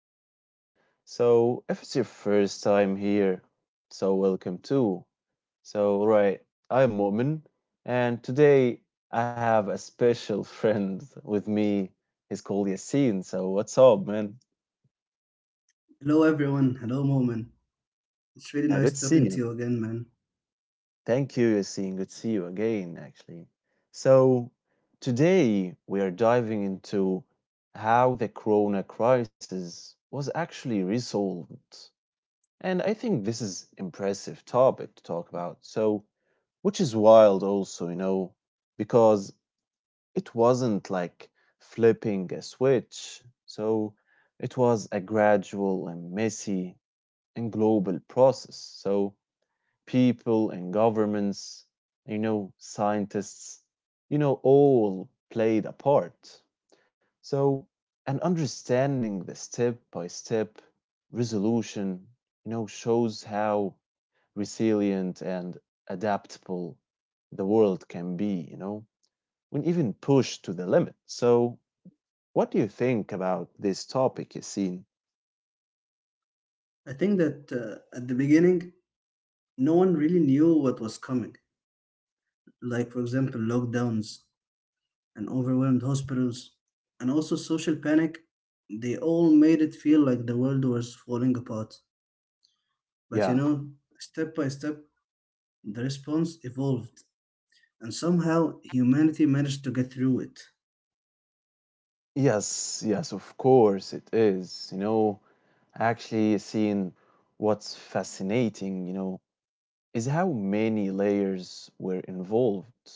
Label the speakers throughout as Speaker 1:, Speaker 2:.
Speaker 1: again. If it's your first time here, welcome too. So, right, I'm Mu'min, and today I have a special friend with me. He's called Yassine. So, what's up, man?
Speaker 2: Hello, everyone. Hello, Moment. It's really
Speaker 1: Yeah, good to
Speaker 2: nice
Speaker 1: see
Speaker 2: talking
Speaker 1: you.
Speaker 2: to you again, man.
Speaker 1: Thank you, Yassine. Good to see you again, actually. So, today we are diving into how the corona crisis was actually resolved. And I think this is impressive topic to talk about. So, which is wild also, you know, because it wasn't like flipping a switch. So, it was a gradual and messy and global process. So, people and governments, you know, scientists, you know, all played a part. So, and understanding the step by step resolution, you know, shows how resilient and adaptable the world can be, you know, when even pushed to the limit. So, what do you think about this topic, Yassine?
Speaker 2: I think that at the beginning, no one really knew what was coming. Like, for example, lockdowns and overwhelmed hospitals, and also social panic. They all made it feel like the world was falling apart. But you
Speaker 1: Yeah,
Speaker 2: know, step by step, the response evolved, and somehow humanity managed to get through it.
Speaker 1: yes, yes, of course it is. You know, actually, Yassine, what's fascinating, you know, is how many layers were involved,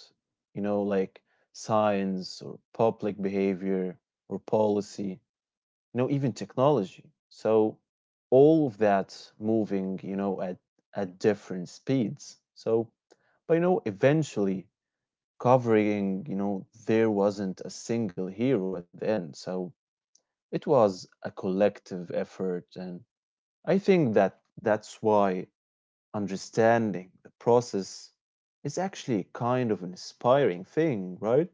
Speaker 1: you know, like science or public behavior or policy, you know, even technology. So all of that moving, you know, at different speeds. So but you know eventually covering, you know, there wasn't a single hero at the end. So it was a collective effort, and I think that's why understanding the process is actually kind of an inspiring thing, right?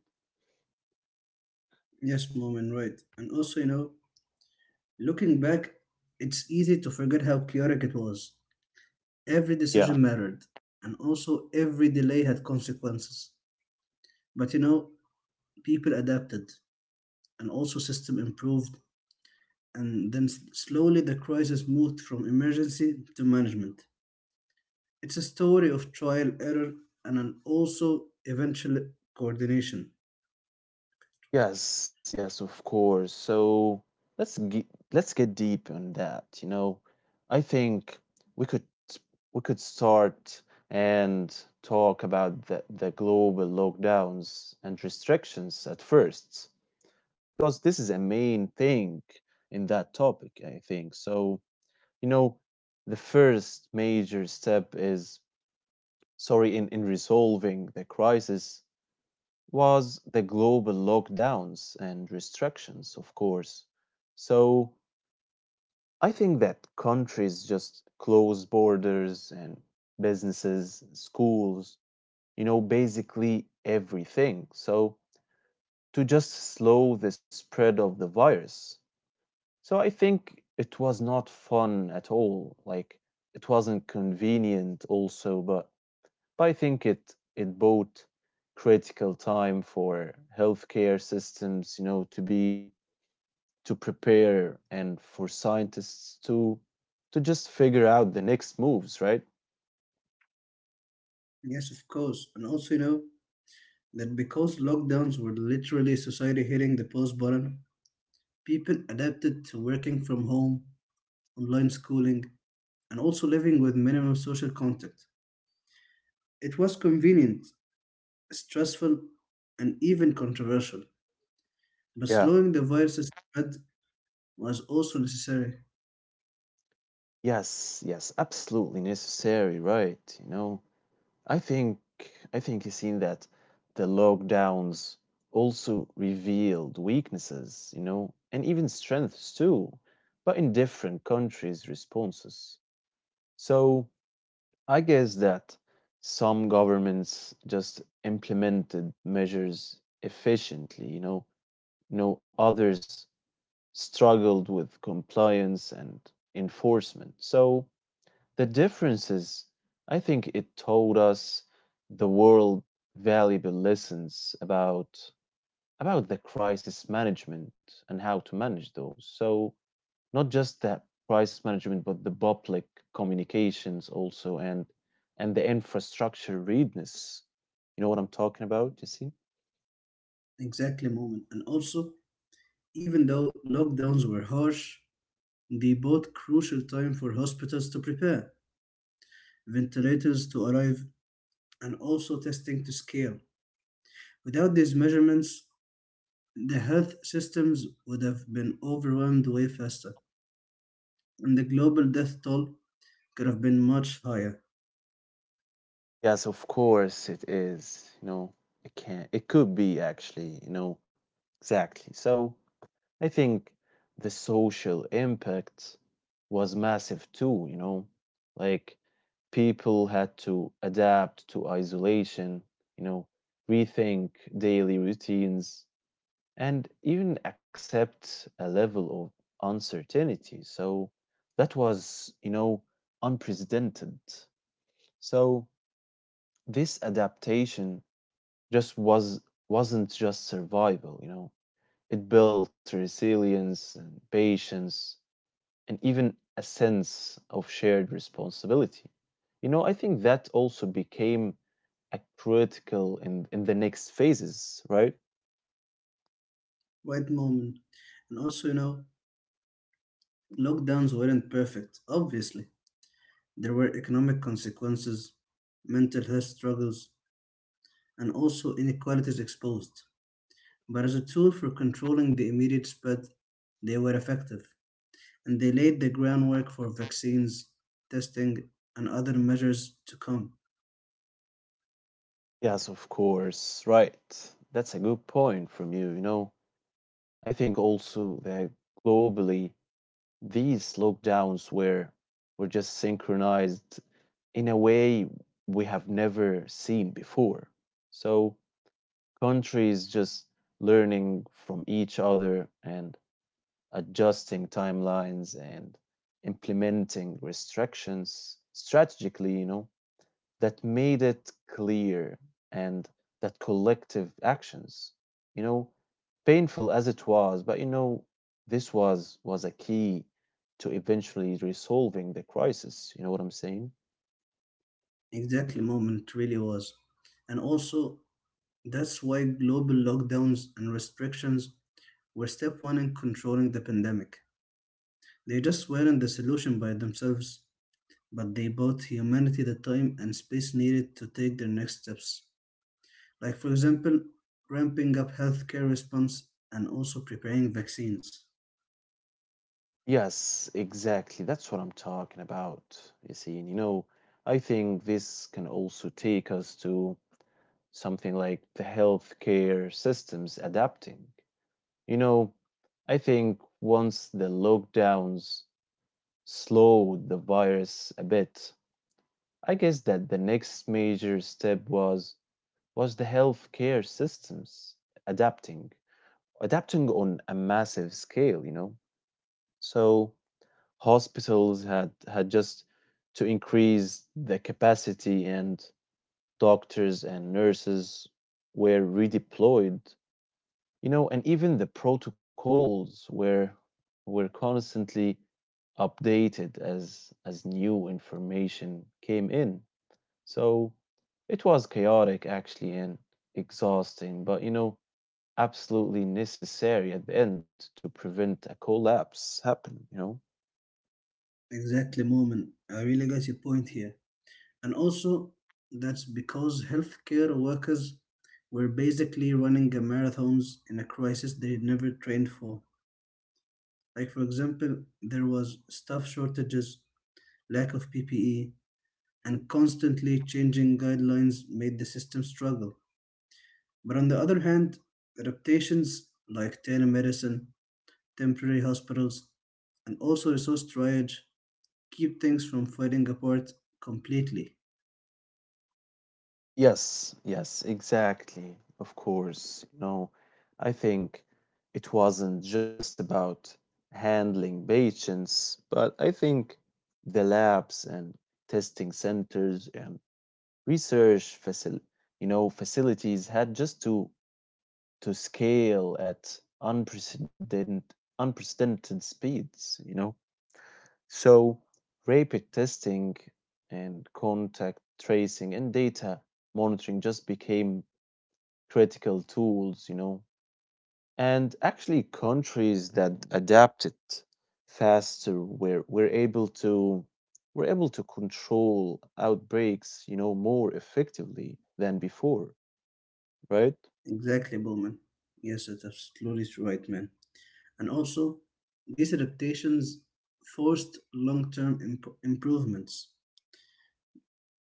Speaker 2: Yes, Moment, right. And also, you know, looking back, it's easy to forget how chaotic it was. Every decision
Speaker 1: Yeah.
Speaker 2: mattered, and also every delay had consequences. But you know, people adapted, and also system improved, and then slowly the crisis moved from emergency to management. It's a story of trial, error, and an also eventual coordination.
Speaker 1: Yes, yes, of course. So let's get let's get deep on that. You know, I think we could we could start and talk about the global lockdowns and restrictions at first, because this is a main thing in that topic, I think. So, you know, the first major step is sorry in resolving the crisis was the global lockdowns and restrictions, of course. So I think that countries just close borders and businesses, schools, you know, basically everything. So to just slow the spread of the virus. So I think it was not fun at all. Like it wasn't convenient also, but I think it bought critical time for healthcare systems, you know, to be to prepare and for scientists to just figure out the next moves, right?
Speaker 2: Yes, of course, and also you know that because lockdowns were literally society hitting the pause button, people adapted to working from home, online schooling, and also living with minimum social contact. It was convenient, stressful, and even controversial. But
Speaker 1: Yeah.
Speaker 2: slowing the virus's spread was also necessary.
Speaker 1: Yes, yes, absolutely necessary, right? You know, I think I think you've seen that the lockdowns also revealed weaknesses, you know, and even strengths too, but in different countries' responses. So I guess that some governments just implemented measures efficiently, you know, no others struggled with compliance and enforcement. So the differences, I think it taught us the world valuable lessons about the crisis management and how to manage those. So not just the price management, but the public communications also and the infrastructure readiness. You know what I'm talking about, Jesse?
Speaker 2: Exactly, moment. And also, even though lockdowns were harsh, they bought crucial time for hospitals to prepare, ventilators to arrive, and also testing to scale. Without these measurements, the health systems would have been overwhelmed way faster, and the global death toll could have been much higher.
Speaker 1: Yes, of course it is. You know, it can it could be actually, you know, exactly. So I think the social impact was massive too, you know. Like people had to adapt to isolation, you know, rethink daily routines and even accept a level of uncertainty. So that was, you know, unprecedented. So this adaptation just was wasn't just survival, you know. It built resilience and patience and even a sense of shared responsibility. You know, I think that also became a critical in the next phases, right?
Speaker 2: Right, moment. And also, you know, lockdowns weren't perfect, obviously. There were economic consequences, mental health struggles, and also inequalities exposed. But as a tool for controlling the immediate spread, they were effective, and they laid the groundwork for vaccines, testing, and other measures to come.
Speaker 1: Yes, of course, right. That's a good point from you, you know. I think also that globally these lockdowns were just synchronized in a way we have never seen before. So countries just learning from each other and adjusting timelines and implementing restrictions strategically, you know, that made it clear and that collective actions, you know, painful as it was, but you know this was a key to eventually resolving the crisis, you know what I'm saying?
Speaker 2: Exactly, moment, really was. And also, that's why global lockdowns and restrictions were step one in controlling the pandemic. They just weren't the solution by themselves, but they bought humanity the time and space needed to take their next steps. Like, for example, ramping up healthcare response and also preparing vaccines.
Speaker 1: Yes, exactly. That's what I'm talking about. You see, and you know, I think this can also take us to something like the healthcare systems adapting. You know, I think once the lockdowns slowed the virus a bit, I guess that the next major step was the healthcare systems adapting, adapting on a massive scale, you know. So hospitals had just to increase the capacity and doctors and nurses were redeployed, you know, and even the protocols were constantly updated as new information came in. So it was chaotic actually and exhausting, but you know absolutely necessary at the end to prevent a collapse happen, you know.
Speaker 2: Exactly, Moment. I really got your point here. And also, that's because healthcare workers were basically running a marathons in a crisis they never trained for. Like, for example, there was staff shortages, lack of PPE, and constantly changing guidelines made the system struggle. But on the other hand, adaptations like telemedicine, temporary hospitals, and also resource triage keep things from falling apart completely.
Speaker 1: Yes, yes, exactly. Of course. You know, I think it wasn't just about handling patients, but I think the labs and testing centers and research facil, you know, facilities had just to scale at unprecedented speeds, you know. So rapid testing and contact tracing and data monitoring just became critical tools, you know, and actually countries that adapt it faster were able to control outbreaks, you know, more effectively than before, right?
Speaker 2: Exactly, Bowman. Yes, that's absolutely right, man. And also, these adaptations forced long term improvements.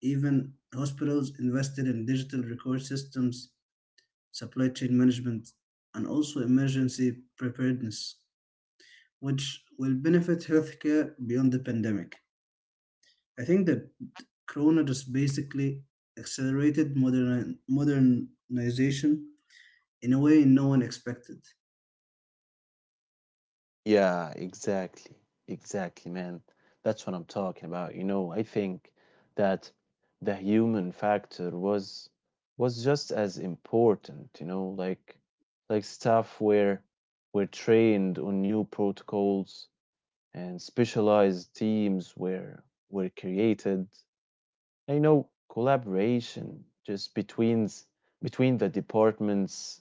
Speaker 2: Even hospitals invested in digital record systems, supply chain management, and also emergency preparedness, which will benefit healthcare beyond the pandemic. I think that Corona just basically accelerated modernization in a way no one expected.
Speaker 1: Yeah, exactly. Exactly, man. That's what I'm talking about. You know, I think that the human factor was just as important, you know, like stuff where we're trained on new protocols and specialized teams were created. And, you know, collaboration just between the departments,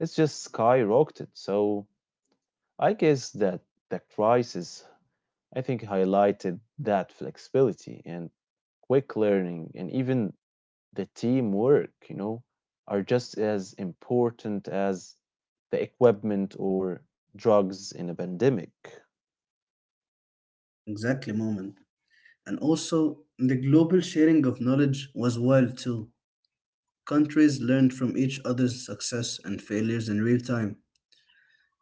Speaker 1: it's just skyrocketed. So I guess that the crisis I think highlighted that flexibility and quick learning and even the teamwork, you know, are just as important as the equipment or drugs in a pandemic.
Speaker 2: Exactly, moment. And also, the global sharing of knowledge was wild too. Countries learned from each other's success and failures in real time,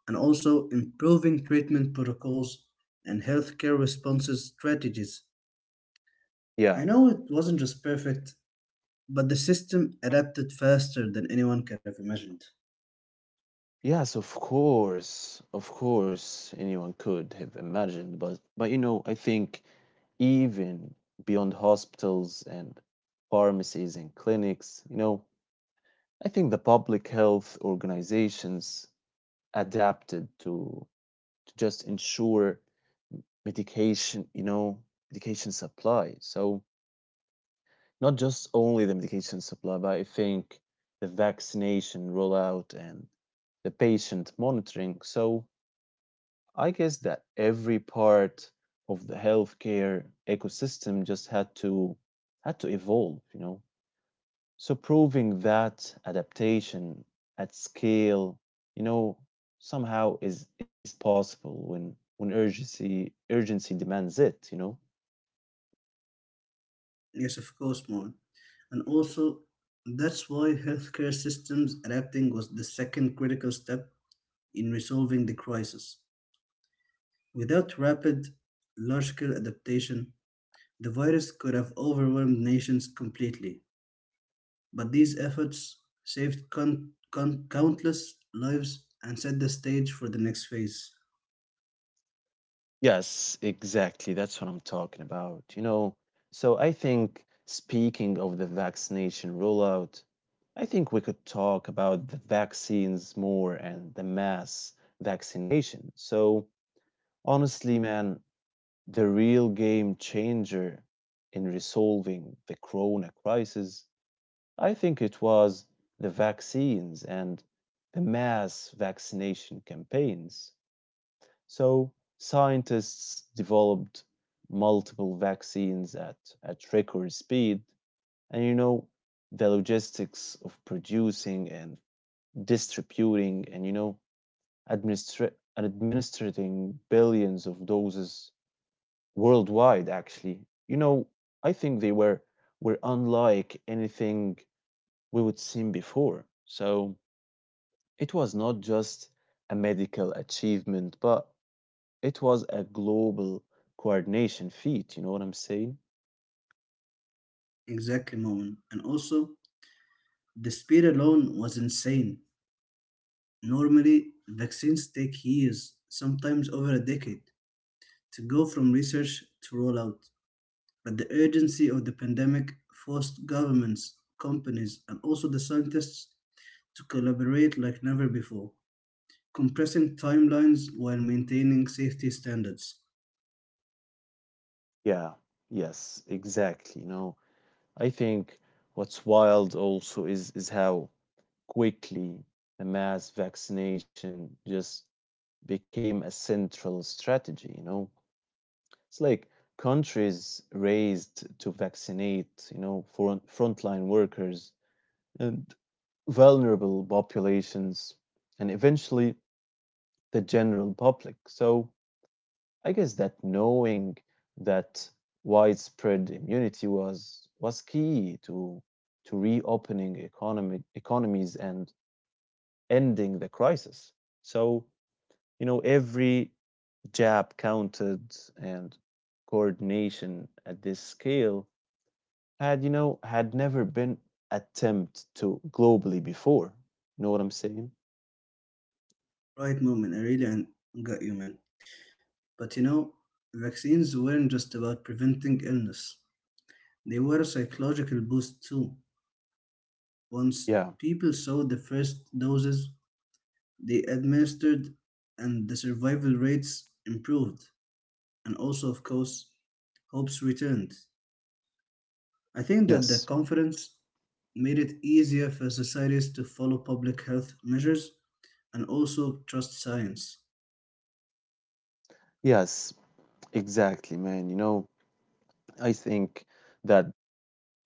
Speaker 2: and also improving treatment protocols and healthcare responses strategies.
Speaker 1: Yeah.
Speaker 2: I know it wasn't just perfect, but the system adapted faster than anyone could have imagined.
Speaker 1: Yes, of course. Of course, anyone could have imagined, but you know, I think even beyond hospitals and pharmacies and clinics, you know, I think the public health organizations adapted to just ensure medication, you know, medication supply. So not just only the medication supply, but I think the vaccination rollout and the patient monitoring. So I guess that every part of the healthcare ecosystem just had to evolve, you know. So proving that adaptation at scale, you know, somehow is possible when urgency demands it, you know?
Speaker 2: Yes, of course, more. And also, that's why healthcare systems adapting was the second critical step in resolving the crisis. Without rapid, large scale adaptation, the virus could have overwhelmed nations completely. But these efforts saved countless lives and set the stage for the next phase.
Speaker 1: Yes, exactly. That's what I'm talking about, you know. So I think speaking of the vaccination rollout, I think we could talk about the vaccines more and the mass vaccination. So honestly, man, the real game changer in resolving the corona crisis, I think it was the vaccines and the mass vaccination campaigns. So scientists developed multiple vaccines at record speed. And you know, the logistics of producing and distributing and, you know, administrating billions of doses worldwide, actually, you know, I think they were unlike anything we would seen before. So it was not just a medical achievement, but it was a global coordination feat, you know what I'm saying?
Speaker 2: Exactly, Moen. And also, the speed alone was insane. Normally, vaccines take years, sometimes over a decade, to go from research to rollout. But the urgency of the pandemic forced governments, companies, and also the scientists to collaborate like never before, compressing timelines while maintaining safety standards.
Speaker 1: Yeah, yes, exactly, you know. I think what's wild also is how quickly the mass vaccination just became a central strategy, you know. It's like countries raised to vaccinate, you know, frontline workers and vulnerable populations, and eventually the general public. So I guess that knowing that widespread immunity was key to reopening economic economies and ending the crisis. So you know every jab counted and coordination at this scale had, you know, had never been attempt to globally before. Know what I'm saying?
Speaker 2: Right, moment, I really got you, man. But you know, vaccines weren't just about preventing illness, they were a psychological boost too. Once
Speaker 1: Yeah.
Speaker 2: people saw the first doses, they administered, and the survival rates improved. And also, of course, hopes returned. I think that the
Speaker 1: Yes.
Speaker 2: conference made it easier for societies to follow public health measures and also trust science.
Speaker 1: Yes, exactly, man. You know, I think that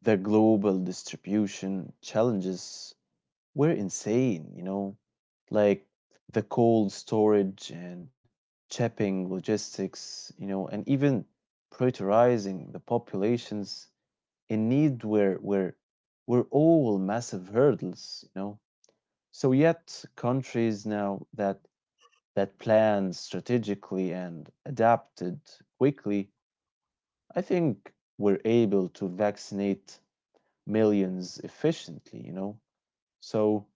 Speaker 1: the global distribution challenges were insane, you know, like the cold storage and shipping logistics, you know, and even prioritizing the populations in need were all massive hurdles, you know. So yet countries now that planned strategically and adapted quickly, I think were able to vaccinate millions efficiently, you know. So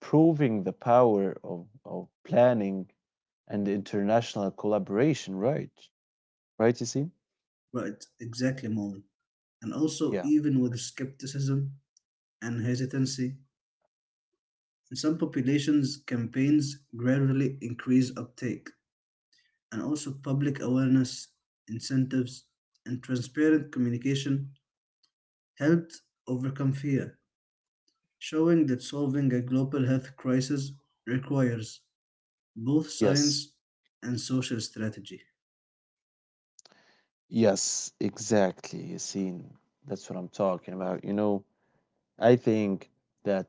Speaker 1: proving the power of planning and international collaboration, right? Right, you see?
Speaker 2: Right, exactly, Mom. And also,
Speaker 1: Yeah.
Speaker 2: even with skepticism and hesitancy in some populations, campaigns gradually increase uptake, and also public awareness, incentives, and transparent communication helped overcome fear, showing that solving a global health crisis requires both
Speaker 1: Yes.
Speaker 2: science and social strategy.
Speaker 1: Yes, exactly. You see, that's what I'm talking about. You know, I think that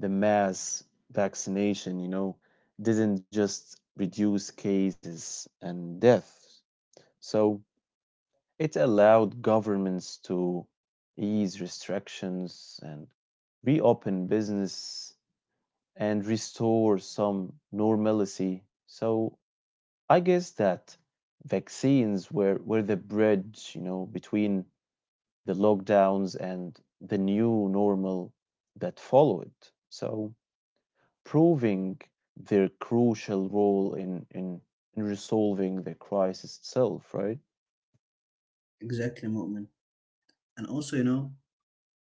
Speaker 1: the mass vaccination, you know, didn't just reduce cases and deaths. So it allowed governments to ease restrictions and reopen business and restore some normalcy. So I guess that vaccines were the bridge, you know, between the lockdowns and the new normal that followed. So proving their crucial role in resolving the crisis itself, right?
Speaker 2: Exactly, Mu'min. And also, you know,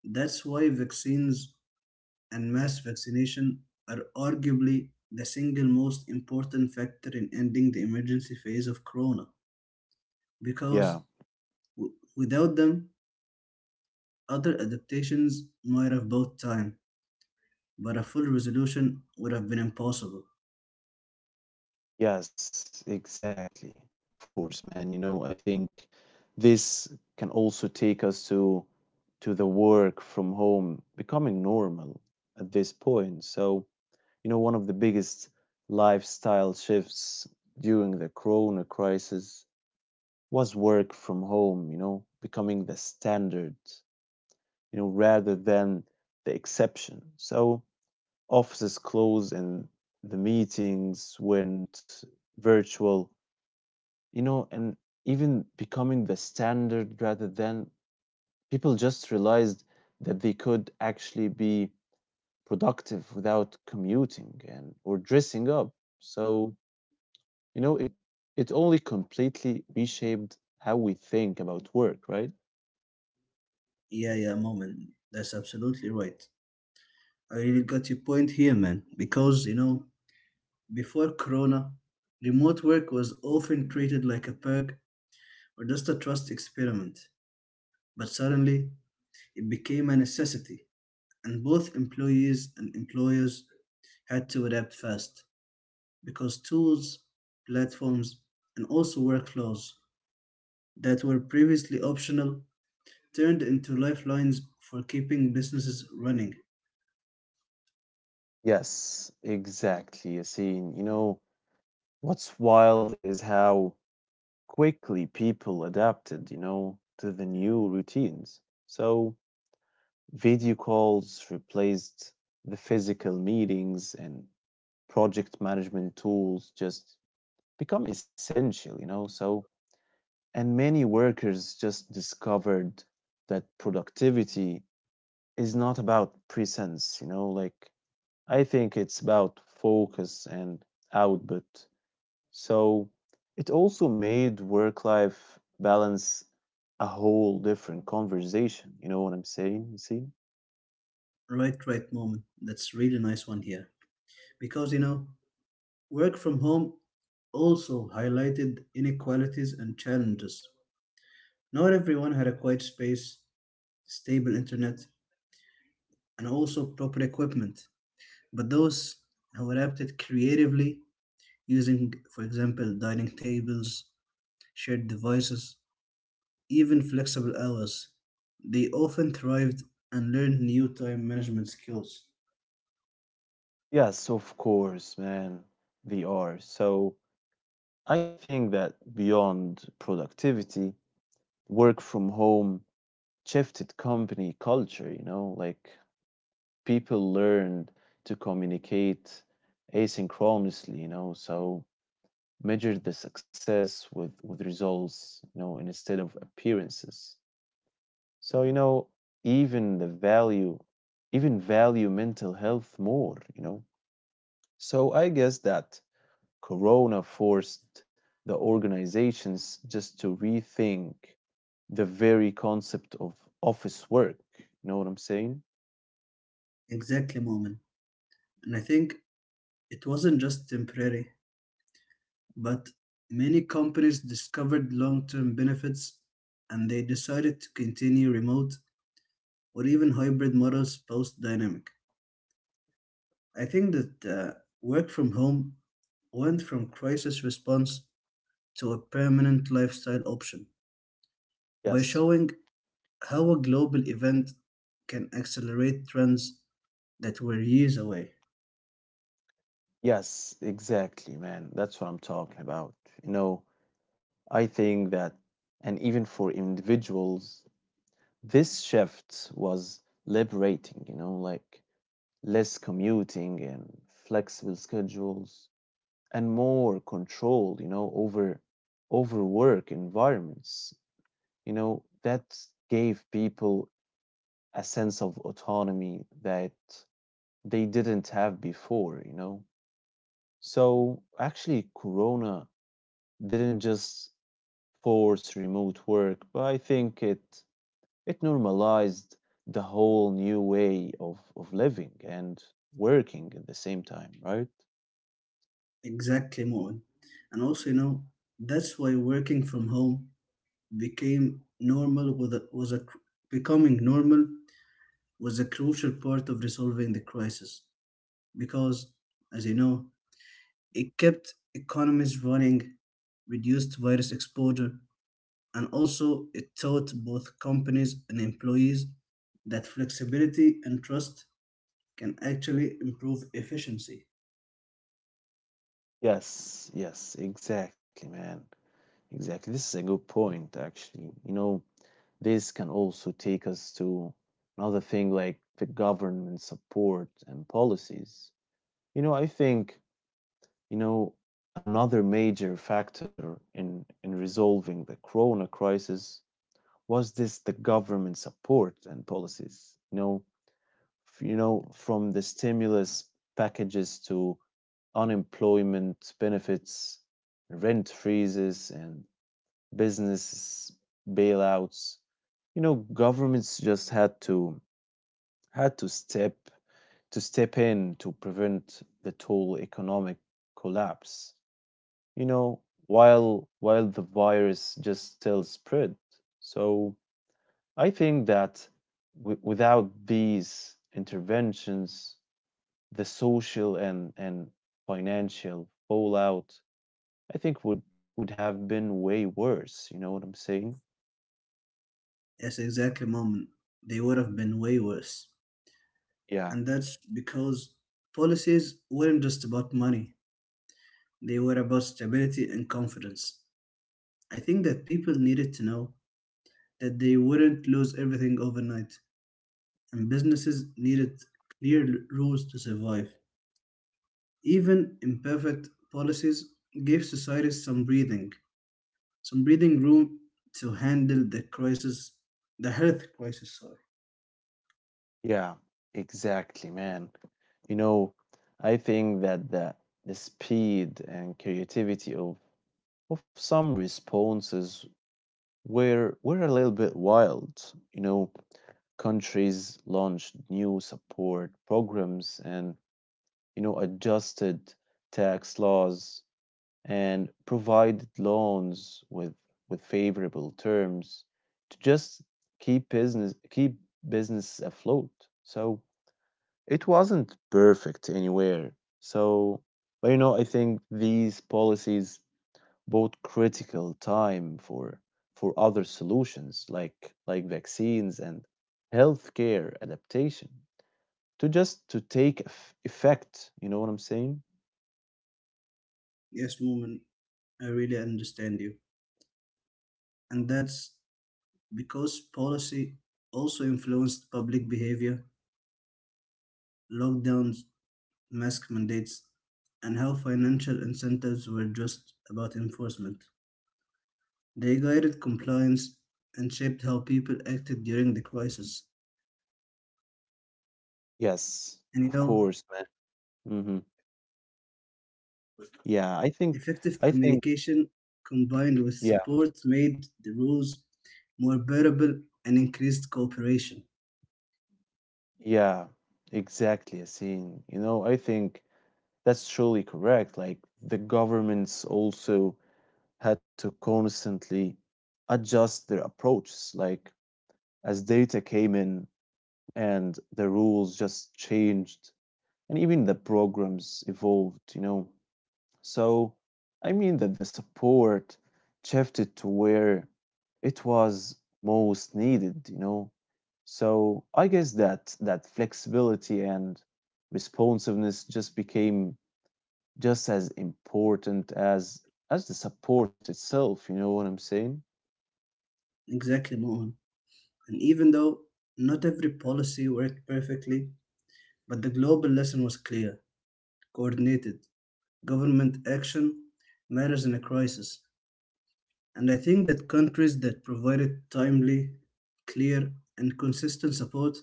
Speaker 2: that's why vaccines and mass vaccination are arguably the single most important factor in ending the emergency phase of corona, because
Speaker 1: Yeah.
Speaker 2: without them, other adaptations might have bought time, but a full resolution would have been impossible.
Speaker 1: Yes, exactly. Of course, man. You know, I think this can also take us to the work from home becoming normal at this point. So, you know, one of the biggest lifestyle shifts during the corona crisis was work from home, you know, becoming the standard, you know, rather than the exception. So offices closed and the meetings went virtual, you know, and even becoming the standard rather than people just realized that they could actually be productive without commuting and or dressing up. So, you know, it only completely reshaped how we think about work, right?
Speaker 2: Yeah, yeah, moment. That's absolutely right. I really got your point here, man. Because, you know, before Corona, remote work was often treated like a perk or just a trust experiment. But suddenly, it became a necessity, and both employees and employers had to adapt fast because tools, platforms, and also workflows that were previously optional turned into lifelines for keeping businesses running.
Speaker 1: Yes, exactly, Yassine. You know, what's wild is how quickly people adapted, you know, to the new routines. So video calls replaced the physical meetings and project management tools just become essential, you know. So, and many workers just discovered that productivity is not about presence, you know, like I think it's about focus and output. So it also made work life balance a whole different conversation. You know what I'm saying? You see?
Speaker 2: Right, right, moment. That's really nice one here. Because you know, work from home also highlighted inequalities and challenges. Not everyone had a quiet space, stable internet, and also proper equipment. But those who adapted creatively, using, for example, dining tables, shared devices, even flexible hours, they often thrived and learned new time management skills.
Speaker 1: Yes, of course, man. They are. So I think that beyond productivity, work from home shifted company culture, you know, like people learned to communicate asynchronously, you know, so measure the success with results, you know, instead of appearances. So, you know, even the value, even value mental health more, you know. So I guess that Corona forced the organizations just to rethink the very concept of office work. You know what I'm saying?
Speaker 2: Exactly, moment. And I think it wasn't just temporary, but many companies discovered long term benefits and they decided to continue remote or even hybrid models post dynamic. I think that work from home went from crisis response to a permanent lifestyle option by
Speaker 1: Yes,
Speaker 2: showing how a global event can accelerate trends that were years away.
Speaker 1: yes, exactly, man. That's what I'm talking about. You know, I think that, and even for individuals, this shift was liberating, you know, like less commuting and flexible schedules and more control, you know, over work environments, you know, that gave people a sense of autonomy that they didn't have before, you know. So actually Corona didn't just force remote work, but I think it normalized the whole new way of living and working at the same time, right?
Speaker 2: Exactly, Moen. And also, you know, that's why working from home became normal becoming normal was a crucial part of resolving the crisis because as you know it kept economies running, reduced virus exposure, and also it taught both companies and employees that flexibility and trust can actually improve efficiency.
Speaker 1: Yes, yes, exactly, man. Exactly. This is a good point, actually. You know, this can also take us to another thing like the government support and policies. You know, I think, you know, another major factor in resolving the corona crisis was this the government support and policies. You know, you know, from the stimulus packages to unemployment benefits, rent freezes, and business bailouts. You know, governments just had to had to step in to prevent the total economic collapse. You know, while the virus just still spread. So I think that without these interventions, the social and financial fallout I think would have been way worse, you know what I'm saying?
Speaker 2: Yes, exactly, moment, they would have been way worse.
Speaker 1: Yeah.
Speaker 2: And that's because policies weren't just about money. They were about stability and confidence. I think that people needed to know that they wouldn't lose everything overnight, and businesses needed clear rules to survive. Even imperfect policies gave societies some breathing room to handle the crisis, the health crisis. Sorry.
Speaker 1: Yeah. Exactly, man. You know, I think that the speed and creativity of some responses were a little bit wild. You know, countries launched new support programs and, you know, adjusted tax laws and provided loans with favorable terms to just keep business afloat. So it wasn't perfect anywhere. So but, you know, I think these policies bought critical time for other solutions like vaccines and healthcare adaptation to just to take effect. You know what I'm saying?
Speaker 2: Yes, woman, I really understand you, and that's because policy also influenced public behavior. Lockdowns, mask mandates, and how financial incentives were just about enforcement. They guided compliance and shaped how people acted during the crisis.
Speaker 1: Yes,
Speaker 2: And you
Speaker 1: of
Speaker 2: know,
Speaker 1: course, man. Mhm. Yeah, I think
Speaker 2: effective
Speaker 1: I think
Speaker 2: communication combined with
Speaker 1: yeah,
Speaker 2: support made the rules more bearable and increased cooperation.
Speaker 1: yeah, exactly, Yassine. You know, I think that's truly correct. Like the governments also had to constantly adjust their approaches. Like as data came in and the rules just changed and even the programs evolved, you know. So I mean that the support shifted to where it was most needed, you know. So I guess that flexibility and responsiveness just became just as important as the support itself, you know what I'm saying?
Speaker 2: Exactly, Mohan. And even though not every policy worked perfectly, but the global lesson was clear, coordinated. Government action matters in a crisis, and I think that countries that provided timely, clear, and consistent support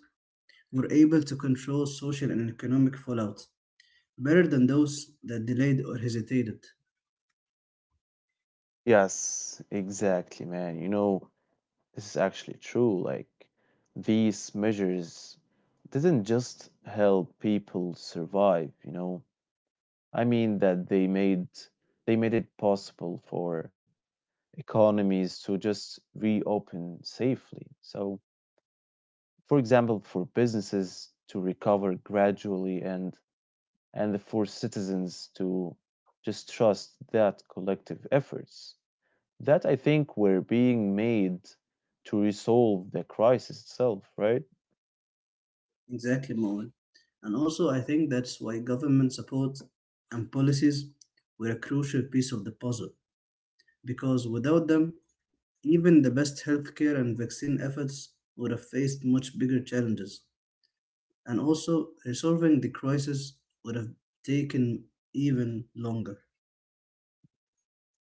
Speaker 2: were able to control social and economic fallout better than those that delayed or hesitated.
Speaker 1: Yes, exactly, man. You know, this is actually true. Like these measures didn't just help people survive, you know. I mean that they made it possible for economies to just reopen safely. So, for example, for businesses to recover gradually and for citizens to just trust that collective efforts that I think were being made to resolve the crisis itself, right?
Speaker 2: Exactly, Moen. And also, I think that's why government support and policies were a crucial piece of the puzzle, because without them, even the best healthcare and vaccine efforts would have faced much bigger challenges, and also resolving the crisis would have taken even longer.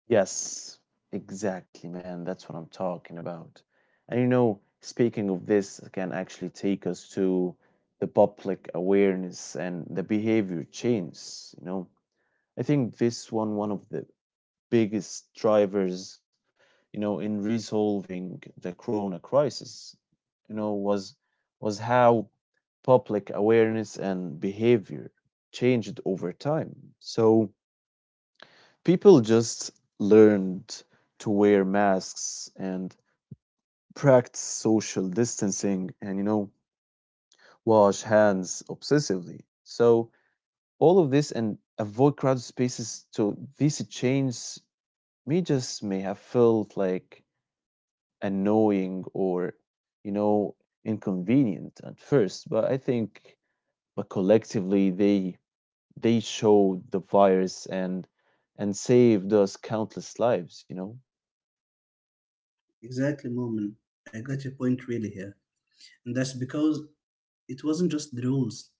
Speaker 1: Yes, exactly, man. That's what I'm talking about. And you know, speaking of this, can actually take us to the public awareness and the behavior change. You know, I think this one of the biggest drivers, you know, in resolving the corona crisis, you know, was how public awareness and behavior changed over time. So people just learned to wear masks and practice social distancing and, you know, wash hands obsessively. So, all of this and avoid crowded spaces. So, these changes may have felt like annoying or, you know, inconvenient at first, but I think, but collectively, they showed the virus and saved us countless lives, you know?
Speaker 2: Exactly, Moment. I got your point really here. And that's because it wasn't just the rules,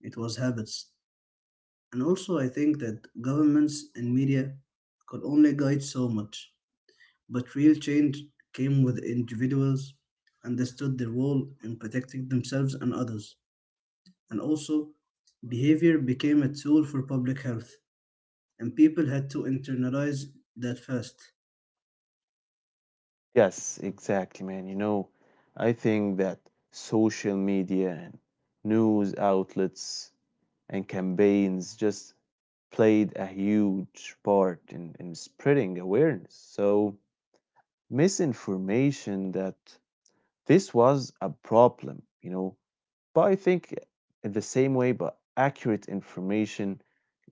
Speaker 2: it was habits. And also, I think that governments and media could only guide so much. But real change came with individuals understood their role in protecting themselves and others. And also, behavior became a tool for public health and people had to internalize that fast.
Speaker 1: Yes, exactly, man. You know, I think that social media and news outlets and campaigns just played a huge part in, spreading awareness. So, misinformation that this was a problem, you know, but I think in the same way, but accurate information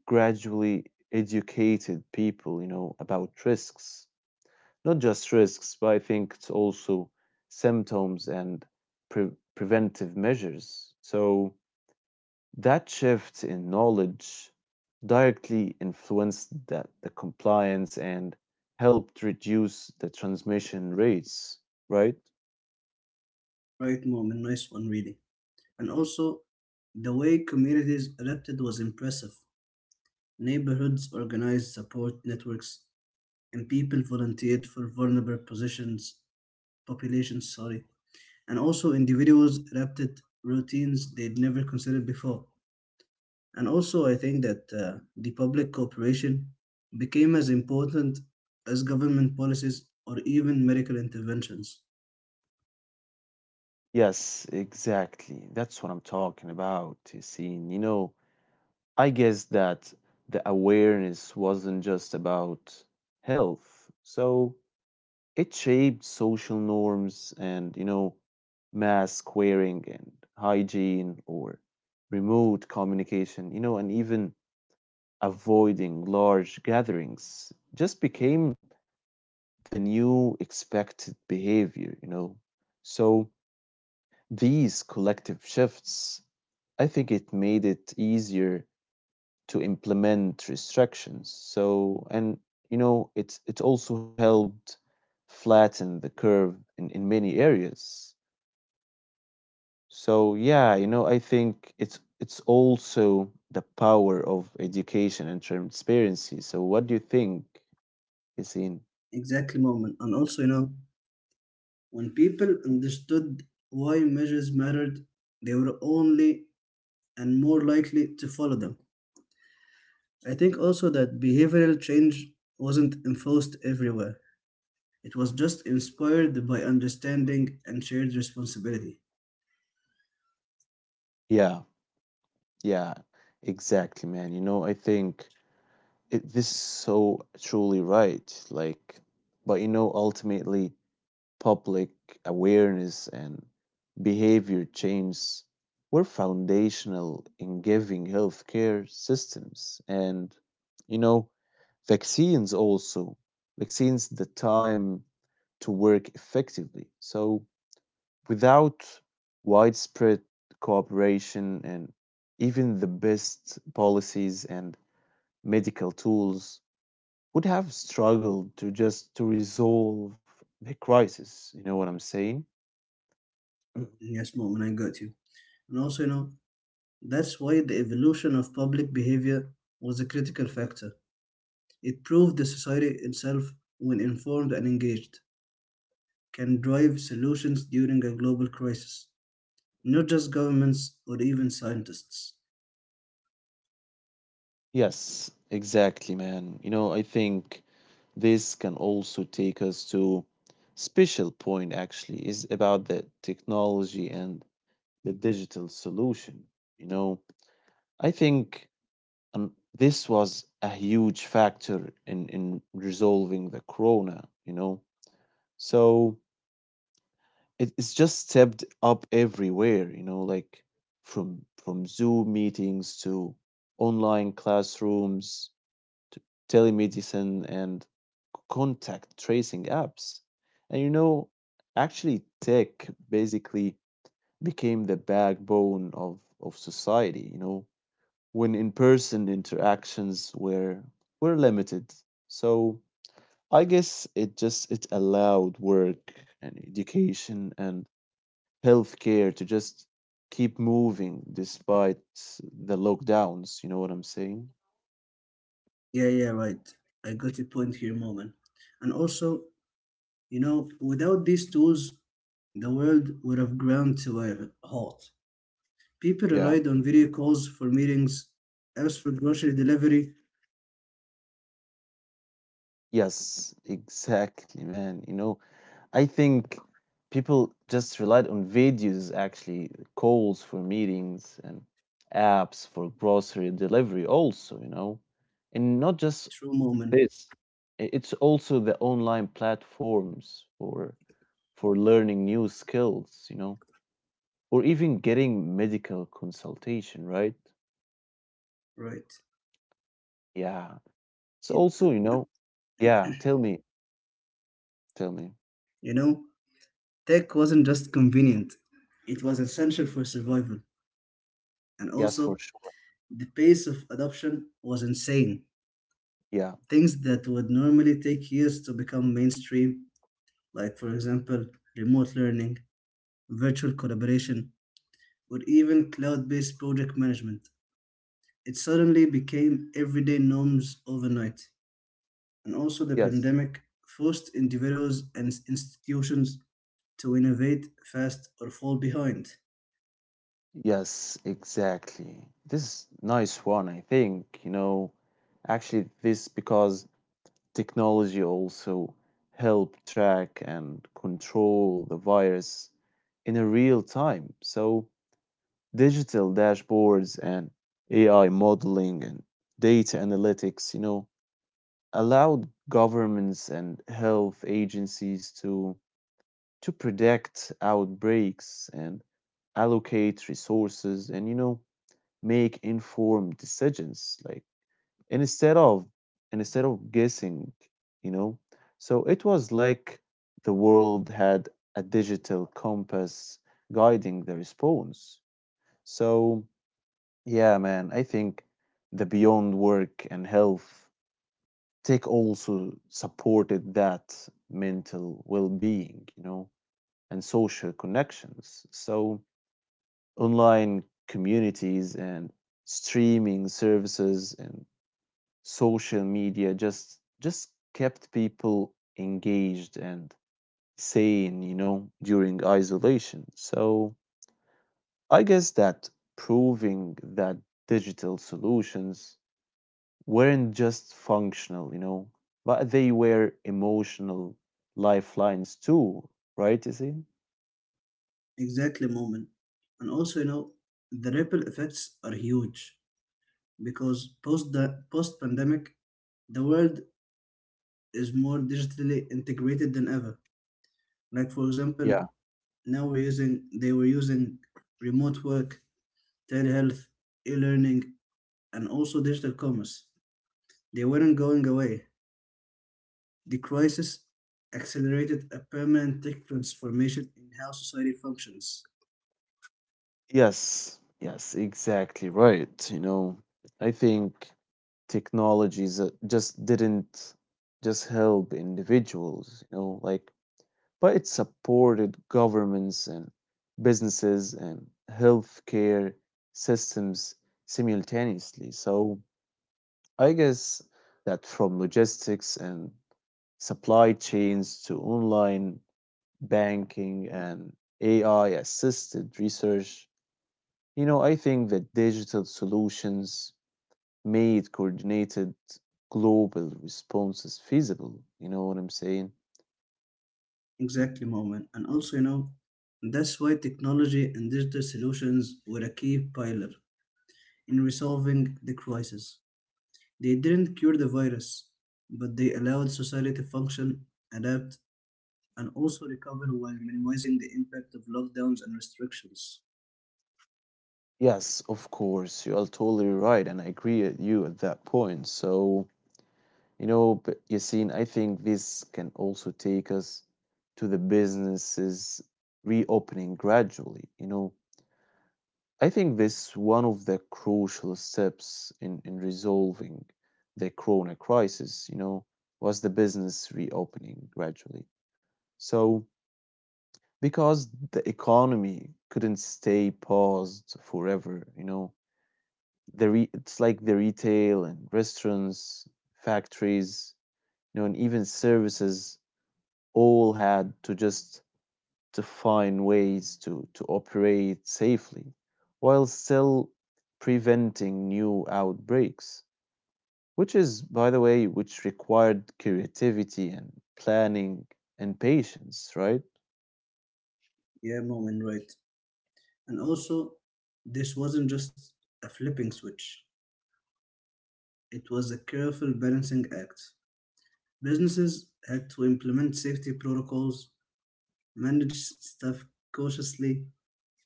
Speaker 1: gradually educated people, you know, about risks, not just risks, but I think it's also symptoms and preventive measures. So that shift in knowledge directly influenced that the compliance and helped reduce the transmission rates, right?
Speaker 2: Right, moment, nice one, really. And also, the way communities adapted was impressive. Neighborhoods organized support networks, and people volunteered for vulnerable positions, populations, sorry. And also, individuals adapted routines they'd never considered before. And also, I think that the public cooperation became as important as government policies or even medical interventions.
Speaker 1: Yes, exactly. That's what I'm talking about, Yassine. You know, I guess that the awareness wasn't just about health. So it shaped social norms and, you know, mask wearing and hygiene or remote communication, you know, and even avoiding large gatherings just became the new expected behavior, you know. So these collective shifts, I think it made it easier to implement restrictions. So, and, you know, it's also helped flatten the curve in, many areas. So yeah, you know, I think it's also the power of education and transparency. So what do you think, Yasin?
Speaker 2: Exactly, moment. And also, you know, when people understood why measures mattered, they were only and more likely to follow them. I think also that behavioral change wasn't enforced everywhere, it was just inspired by understanding and shared responsibility.
Speaker 1: Yeah, yeah, exactly, man. You know, I think this is so truly right. Like, but you know, ultimately, public awareness and behavior change were foundational in giving healthcare systems. And, you know, vaccines also, vaccines the time to work effectively. So, without widespread cooperation and even the best policies and medical tools would have struggled to just to resolve the crisis, you know what I'm saying?
Speaker 2: Yes, moment, I got you. And also, you know, that's why the evolution of public behavior was a critical factor. It proved the society itself, when informed and engaged, can drive solutions during a global crisis, not just governments or even scientists.
Speaker 1: Yes, exactly, man. You know, I think this can also take us to special point actually is about the technology and the digital solution. You know, I think um, this was a huge factor in resolving the corona, you know. So it's just stepped up everywhere, you know, like from Zoom meetings to online classrooms to telemedicine and contact tracing apps. And you know, actually tech basically became the backbone of, society, you know, when in-person interactions were limited. So I guess it allowed work and education and healthcare to just keep moving despite the lockdowns. You know what I'm saying?
Speaker 2: Yeah, yeah, right. I got your point here, Moment. And also, you know, without these tools, the world would have ground to a halt. People
Speaker 1: Yeah.
Speaker 2: relied on video calls for meetings, apps for grocery delivery.
Speaker 1: Yes, exactly, man. You know, I think people just relied on videos, actually, calls for meetings and apps for grocery delivery, also, you know, and not just
Speaker 2: True moment,
Speaker 1: this. It's also the online platforms for learning new skills, you know, or even getting medical consultation, right?
Speaker 2: right?
Speaker 1: Yeah. So
Speaker 2: It,
Speaker 1: also, you know, yeah, tell me, tell me.
Speaker 2: you know, tech wasn't just convenient; it was essential for survival, and
Speaker 1: Yes, for
Speaker 2: also
Speaker 1: sure.
Speaker 2: the pace of adoption was insane.
Speaker 1: Yeah.
Speaker 2: Things that would normally take years to become mainstream, like, for example, remote learning, virtual collaboration, or even cloud based project management. It suddenly became everyday norms overnight. And also, the
Speaker 1: Yes.
Speaker 2: pandemic forced individuals and institutions to innovate fast or fall behind.
Speaker 1: Yes, exactly. This is nice one, I think, you know, actually this because technology also help track and control the virus in a real time. So digital dashboards and AI modeling and data analytics, you know, allowed governments and health agencies to predict outbreaks and allocate resources and, you know, make informed decisions like instead of guessing, you know. So it was like the world had a digital compass guiding the response. So yeah, man, I think the beyond work and health, tech also supported that mental well-being, you know, and social connections. So online communities and streaming services and social media just kept people engaged and sane, you know, during isolation. So I guess that proving that digital solutions weren't just functional, you know, but they were emotional lifelines too, right, you see?
Speaker 2: Exactly, moment. And also, you know, the ripple effects are huge because post the post pandemic, the world is more digitally integrated than ever. Like for example,
Speaker 1: Yeah.
Speaker 2: now we're using they were using remote work, telehealth, e-learning, and also digital commerce. They weren't going away. The crisis accelerated a permanent tech transformation in how society functions.
Speaker 1: Yes, yes, exactly right. You know, I think technologies just didn't just help individuals, you know, like, but it supported governments and businesses and healthcare systems simultaneously. So I guess that from logistics and supply chains to online banking and AI assisted research, you know, I think that digital solutions made coordinated global responses feasible. You know what I'm saying?
Speaker 2: Exactly, moment. And also, you know, that's why technology and digital solutions were a key pillar in resolving the crisis. They didn't cure the virus, but they allowed society to function, adapt, and also recover while minimizing the impact of lockdowns and restrictions.
Speaker 1: Yes, of course, you are totally right, and I agree with you at that point. So, you know, but Yassine, I think this can also take us to the businesses reopening gradually, you know, I think this one of the crucial steps in, resolving the corona crisis, you know, was the business reopening gradually. So, because the economy couldn't stay paused forever, you know, the it's like the retail and restaurants, factories, you know, and even services all had to just to find ways to, operate safely while still preventing new outbreaks, which is, by the way, which required creativity and planning and patience, right?
Speaker 2: Yeah, moment, right. And also, this wasn't just a flipping switch, it was a careful balancing act. Businesses had to implement safety protocols, manage staff cautiously,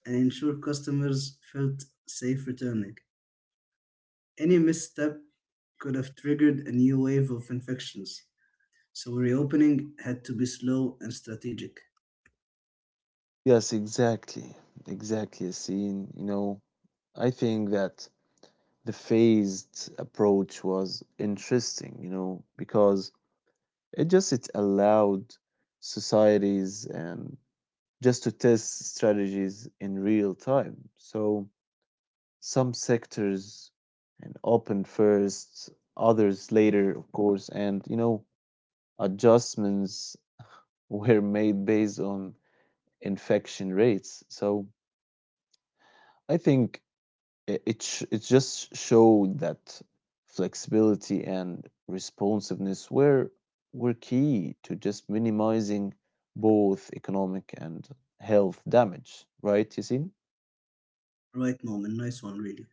Speaker 2: and ensure customers felt safe returning. Any misstep could have triggered a new wave of infections, so reopening had to be slow and strategic.
Speaker 1: Yes, exactly. Exactly, Yassine. You know, I think that the phased approach was interesting, you know, because it allowed societies and just to test strategies in real time. So some sectors and open first, others later, of course, and you know, adjustments were made based on infection rates. So I think it just showed that flexibility and responsiveness were key to just minimizing both economic and health damage, right, Yasin?
Speaker 2: Right moment, nice one, really.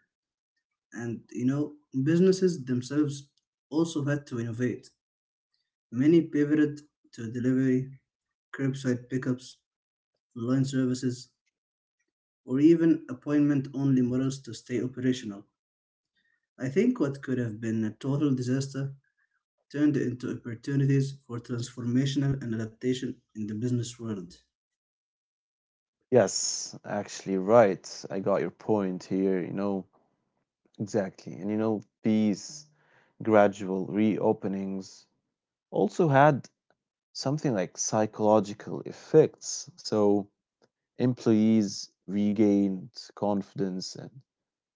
Speaker 2: And you know, businesses themselves also had to innovate. Many pivoted to delivery, curbside pickups, online services, or even appointment only models to stay operational. I think what could have been a total disaster turned into opportunities for transformational and adaptation in the business world.
Speaker 1: Yes, actually, right. I got your point here, you know, exactly. And you know, these gradual reopenings also had something like psychological effects. So employees regained confidence and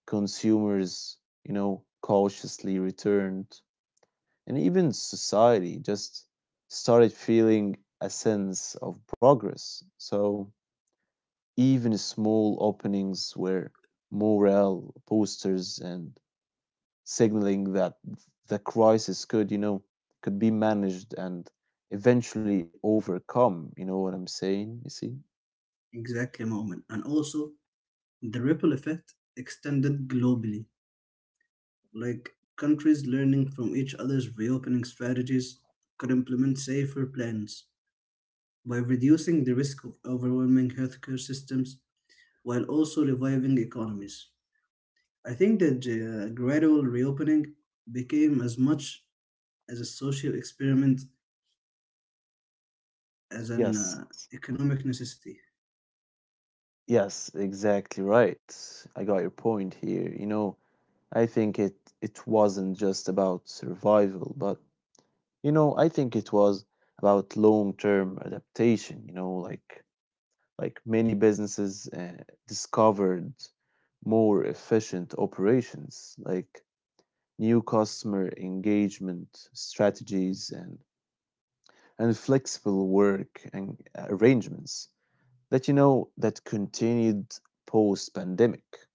Speaker 1: consumers, you know, cautiously returned. And even society just started feeling a sense of progress. So even small openings were morale posters and signaling that the crisis could, could be managed and eventually overcome. You know what I'm saying? You see?
Speaker 2: Exactly, moment. And also, the ripple effect extended globally. Like countries learning from each other's reopening strategies could implement safer plans by reducing the risk of overwhelming healthcare systems while also reviving economies. I think that the gradual reopening became as much as a social experiment as an
Speaker 1: Yes.
Speaker 2: economic necessity.
Speaker 1: Yes, exactly right. I got your point here. I think it wasn't just about survival, but I think it was about long-term adaptation, you know, like many businesses discovered more efficient operations, like new customer engagement strategies and flexible work and arrangements that that continued post-pandemic.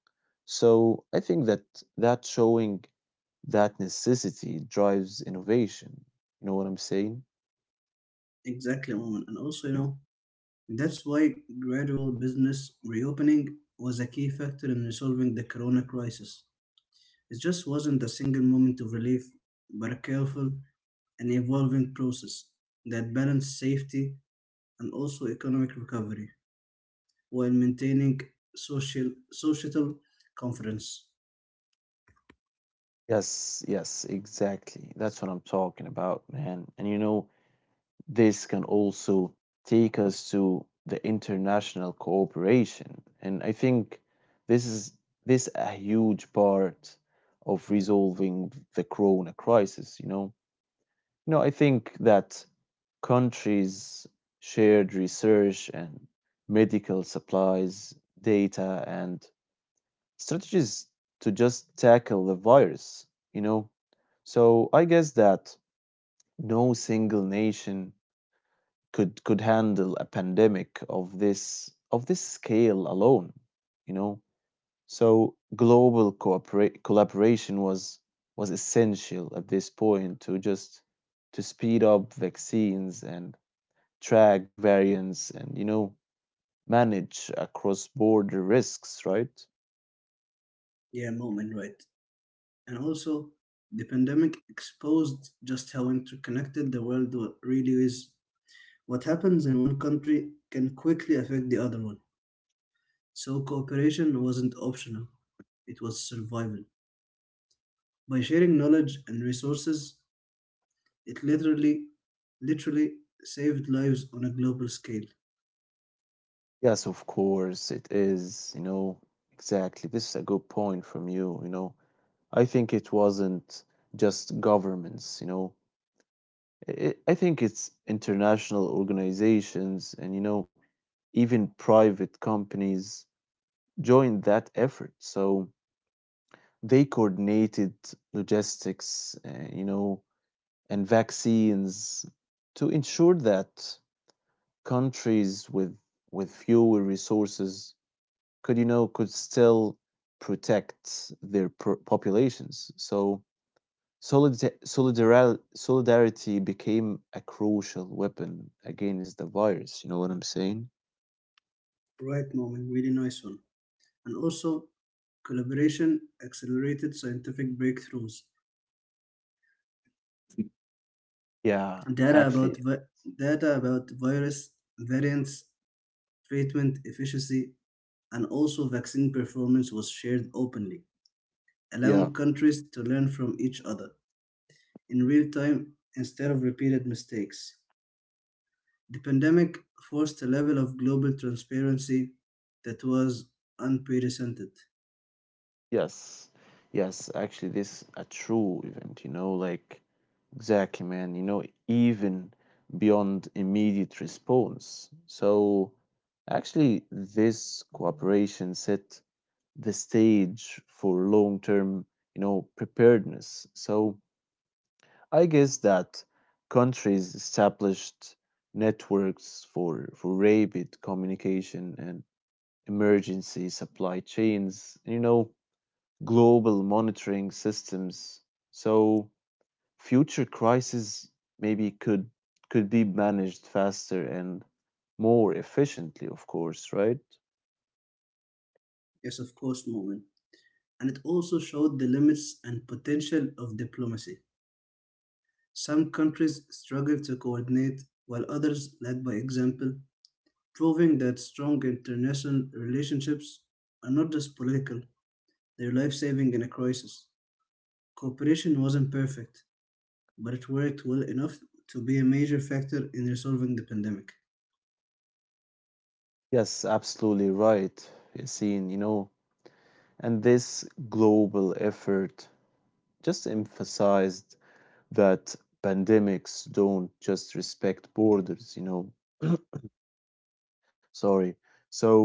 Speaker 1: So I think that that showing that necessity drives innovation. You know what I'm saying?
Speaker 2: Exactly, moment. And also, you know, that's why gradual business reopening was a key factor in resolving the corona crisis. It just wasn't a single moment of relief, but a careful and evolving process that balanced safety and also economic recovery while maintaining social societal confidence.
Speaker 1: Yes, yes, exactly. That's what I'm talking about, man. And you know, this can also take us to the international cooperation. And I think this is this a huge part of resolving the corona crisis, you know. You know, I think that countries shared research and medical supplies, data and strategies to just tackle the virus, you know? So I guess that no single nation could handle a pandemic of this scale alone, you know? So collaboration was essential at this point to speed up vaccines and track variants and, you know, manage across border risks, right?
Speaker 2: Yeah, moment, right. And also, the pandemic exposed just how interconnected the really is. What happens in one country can quickly affect the other one. So, cooperation wasn't optional, it was survival. By sharing knowledge and resources, it literally saved lives on a global scale.
Speaker 1: Yes, of course, it is. You know, exactly. This is a good point from you. You know, I think it wasn't just governments, you know, I think it's international organizations and, you know, even private companies joined that effort. So they coordinated logistics, you know, and vaccines to ensure that countries with fewer resources could, could still protect their populations. So solidarity became a crucial weapon against the virus. You know what I'm saying?
Speaker 2: Right, moment, really nice one. And also, collaboration accelerated scientific breakthroughs.
Speaker 1: Yeah,
Speaker 2: Data about
Speaker 1: actually,
Speaker 2: vi- Data about virus variants, treatment efficiency, and also vaccine performance was shared openly,
Speaker 1: yeah.
Speaker 2: allowing countries to learn from each other in real time instead of repeated mistakes. The pandemic forced a level of global transparency that was unprecedented.
Speaker 1: Yes, yes, actually this a true event, you know, like exactly, man, you know, even beyond immediate response. So actually this cooperation set the stage for long term, you know, preparedness. So I guess that countries established networks for, rapid communication and emergency supply chains, you know, global monitoring systems. So future crises maybe could be managed faster and more efficiently, of course, right?
Speaker 2: Yes, of course, moment. And it also showed the limits and potential of diplomacy. Some countries struggled to coordinate, while others led by example, proving that strong international relationships are not just political, they're life saving in a crisis. Cooperation wasn't perfect, but it worked well enough to be a major factor in resolving the pandemic.
Speaker 1: Yes, absolutely right, Yassine. You know, and this global effort just emphasized that pandemics don't just respect borders, you know. Sorry. So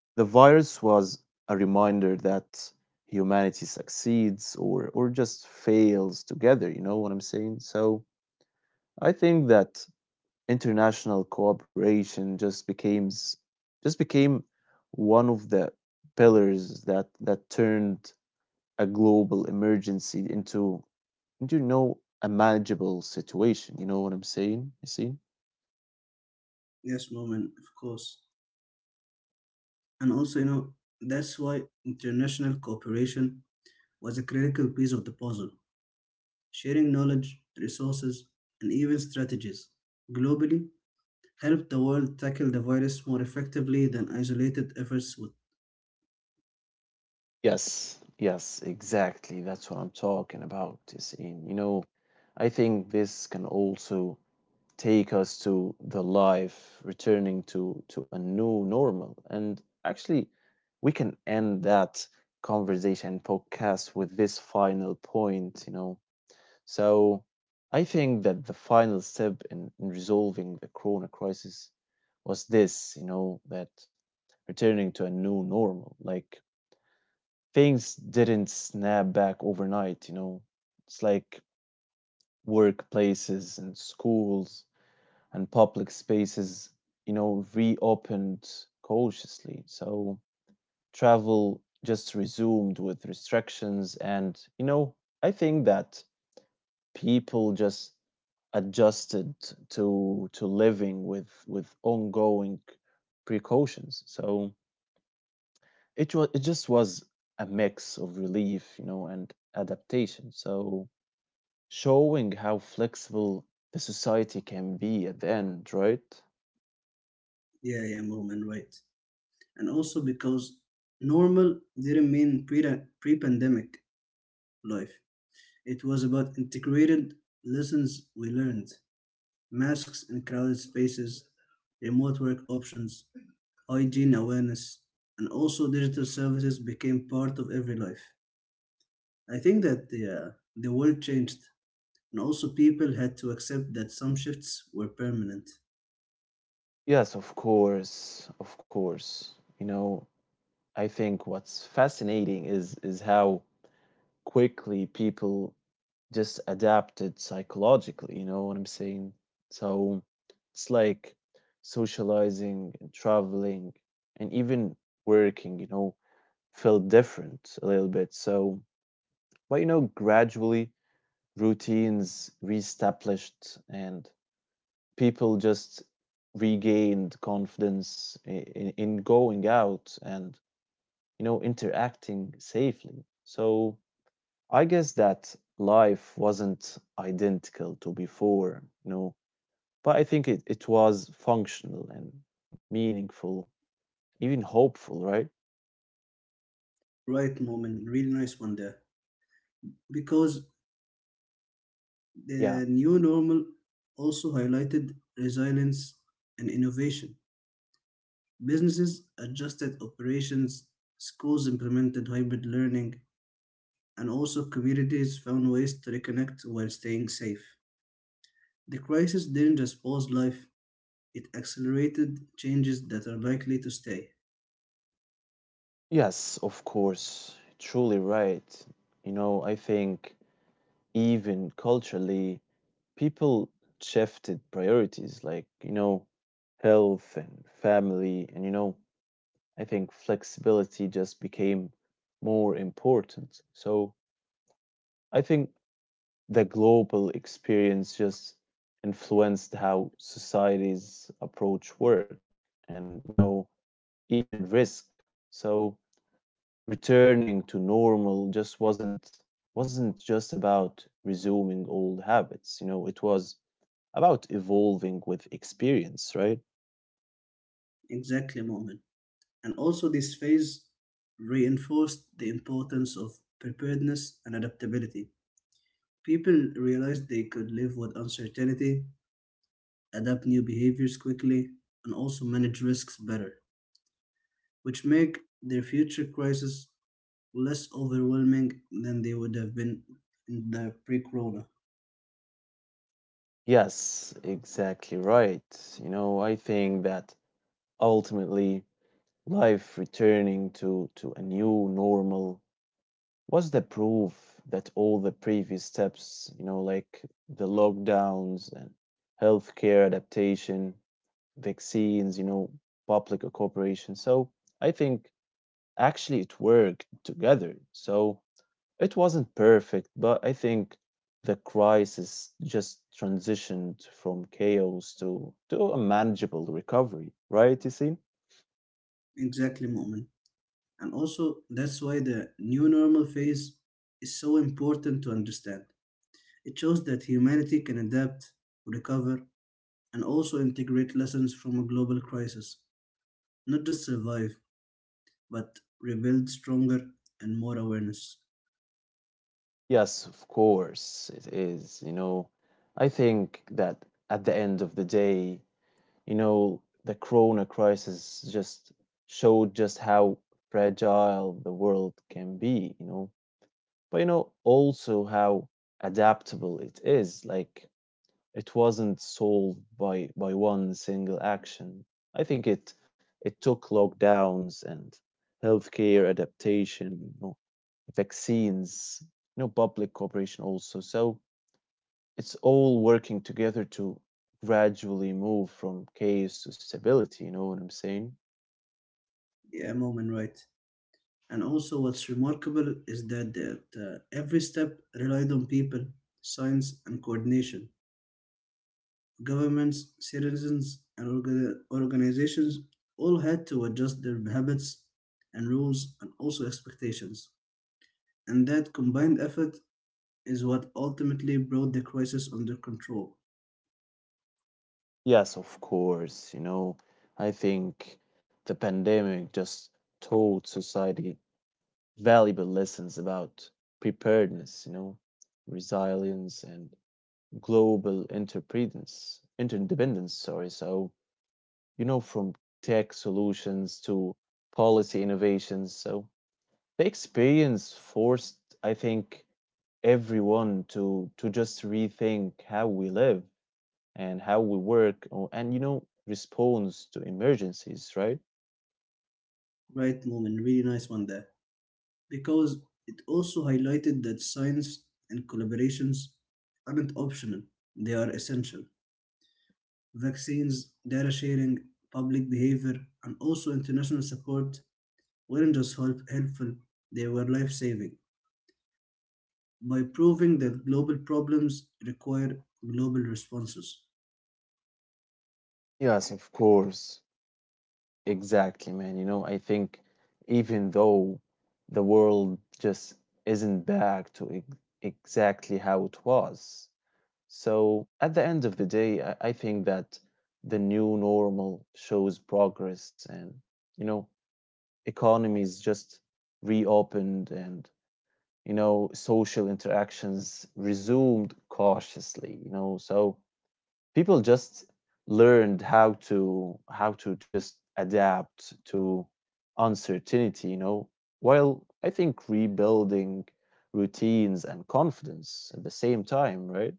Speaker 1: the virus was a reminder that humanity succeeds or just fails together, you know what I'm saying? So I think that international cooperation just became one of the pillars that turned a global emergency into you know, a manageable situation. You know what I'm saying, Yasin?
Speaker 2: Yes, moment, of course. And also, you know, that's why international cooperation was a critical piece of the puzzle. Sharing knowledge, resources, and even strategies globally helped the world tackle the virus more effectively than isolated efforts would.
Speaker 1: Yes, yes, exactly. That's what I'm talking about, Yasin. You know, I think this can also take us to the life returning to a new normal. And actually, we can end that conversation podcast with this final point, you know. So I think that the final step in resolving the corona crisis was this, you know, that returning to a new normal. Like things didn't snap back overnight, you know. It's like workplaces and schools and public spaces, you know, reopened cautiously. So travel just resumed with restrictions and, you know, I think that people just adjusted to living with ongoing precautions. So it just was a mix of relief, you know, and adaptation, so showing how flexible the society can be at the end, right?
Speaker 2: Yeah, yeah, Mormon, right. And also because normal didn't mean pre-pandemic life. It was about integrated lessons we learned, masks in crowded spaces, remote work options, hygiene awareness, and also digital services became part of every life. I think that the world changed, and also people had to accept that some shifts were permanent.
Speaker 1: Yes, of course, of course. You know, I think what's fascinating is how quickly people just adapted psychologically, you know what I'm saying? So it's like socializing and traveling and even working, you know, felt different a little bit. So, but you know, gradually routines reestablished and people just regained confidence in going out and, you know, interacting safely. So I guess that life wasn't identical to before, you know, but I think it was functional and meaningful, even hopeful, right?
Speaker 2: Right, moment, really nice one there. Because
Speaker 1: Yeah.
Speaker 2: the new normal also highlighted resilience and innovation. Businesses adjusted operations, schools implemented hybrid learning, and also communities found ways to reconnect while staying safe. The crisis didn't just pause life, it accelerated changes that are likely to stay.
Speaker 1: Yes, of course. Truly right. You know, I think even culturally, people shifted priorities like, you know, health and family. And, you know, I think flexibility just became more important. So I think the global experience just influenced how societies approach work and, you know, even risk. So returning to normal just wasn't just about resuming old habits. You know, it was about evolving with experience, right?
Speaker 2: Exactly, moment. And also, this phase reinforced the importance of preparedness and adaptability. People realized they could live with uncertainty, adapt new behaviors quickly, and also manage risks better, which make their future crises less overwhelming than they would have been in the pre-corona.
Speaker 1: Yes, exactly right. You know, I think that ultimately life returning to a new normal, what's the proof that all the previous steps, you know, like the lockdowns and healthcare adaptation, vaccines, you know, public cooperation. So I think actually it worked together. So it wasn't perfect, but I think the crisis just transitioned from chaos to a manageable recovery, right? You see?
Speaker 2: Exactly, moment. And also, that's why the new normal phase is so important to understand. It shows that humanity can adapt, recover, and also integrate lessons from a global crisis. Not just survive, but rebuild stronger and more awareness.
Speaker 1: Yes, of course it is. You know, I think that at the end of the day, you know, the corona crisis just showed just how fragile the world can be, you know, but you know, also how adaptable it is. Like, it wasn't solved by one single action. I think it took lockdowns and healthcare adaptation, you know, vaccines, you know, public cooperation also. So it's all working together to gradually move from chaos to stability, you know what I'm saying?
Speaker 2: Yeah, moment right. And also, what's remarkable is that every step relied on people, science, and coordination. Governments, citizens, and organizations all had to adjust their habits and rules and also expectations. And that combined effort is what ultimately brought the crisis under control.
Speaker 1: Yes, of course. You know, I think the pandemic just taught society valuable lessons about preparedness, you know, resilience and interdependence, sorry. So, you know, from tech solutions to policy innovations. So the experience forced, I think, everyone to just rethink how we live and how we work and, you know, response to emergencies, right?
Speaker 2: Right, moment, really nice one there. Because it also highlighted that science and collaborations aren't optional, they are essential. Vaccines, data sharing, public behavior, and also international support weren't just help- helpful, they were life saving, by proving that global problems require global responses.
Speaker 1: Yes, of course. Exactly, man. You know, I think even though the world just isn't back to exactly how it was, so at the end of the day, I think that the new normal shows progress and, you know, economies just reopened and, you know, social interactions resumed cautiously, you know. So people just learned how to just adapt to uncertainty, you know, while I think rebuilding routines and confidence at the same time, right?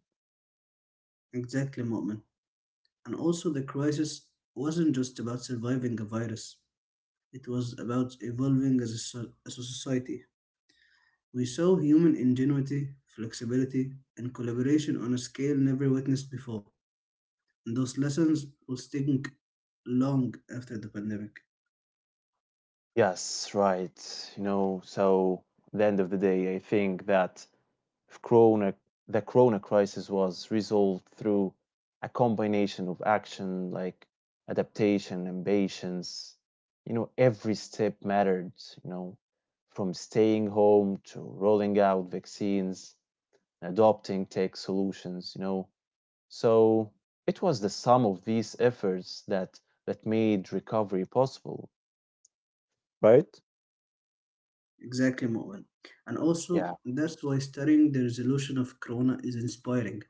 Speaker 2: Exactly, Mu'min. And also, the crisis wasn't just about surviving a virus, it was about evolving as as a society. We saw human ingenuity, flexibility, and collaboration on a scale never witnessed before. And those lessons will sting long after the pandemic.
Speaker 1: Yes, right. You know, so at the end of the day I think that if corona, the corona crisis was resolved through a combination of action like adaptation and patience, you know, every step mattered, you know, from staying home to rolling out vaccines, adopting tech solutions, you know. So it was the sum of these efforts that made recovery possible, right?
Speaker 2: Exactly, Mu'min. And also,
Speaker 1: Yeah.
Speaker 2: that's why studying the resolution of Corona is inspiring.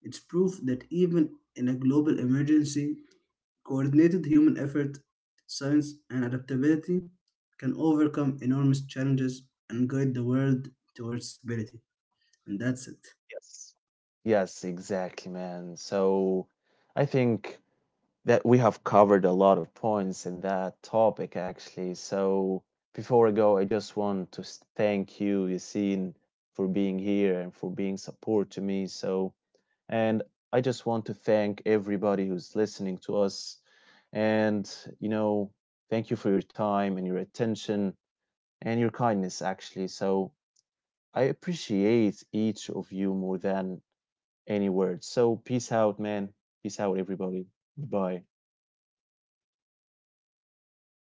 Speaker 2: It's proof that even in a global emergency, coordinated human effort, science, and adaptability can overcome enormous challenges and guide the world towards stability. And that's it.
Speaker 1: Yes. Yes, exactly, man. So I think that we have covered a lot of points in that topic actually. So before I go, I just want to thank you, Yassine, for being here and for being support to me. So and I just want to thank everybody who's listening to us. And you know, thank you for your time and your attention and your kindness actually. So I appreciate each of you more than any words. So peace out, man. Peace out, everybody. Goodbye.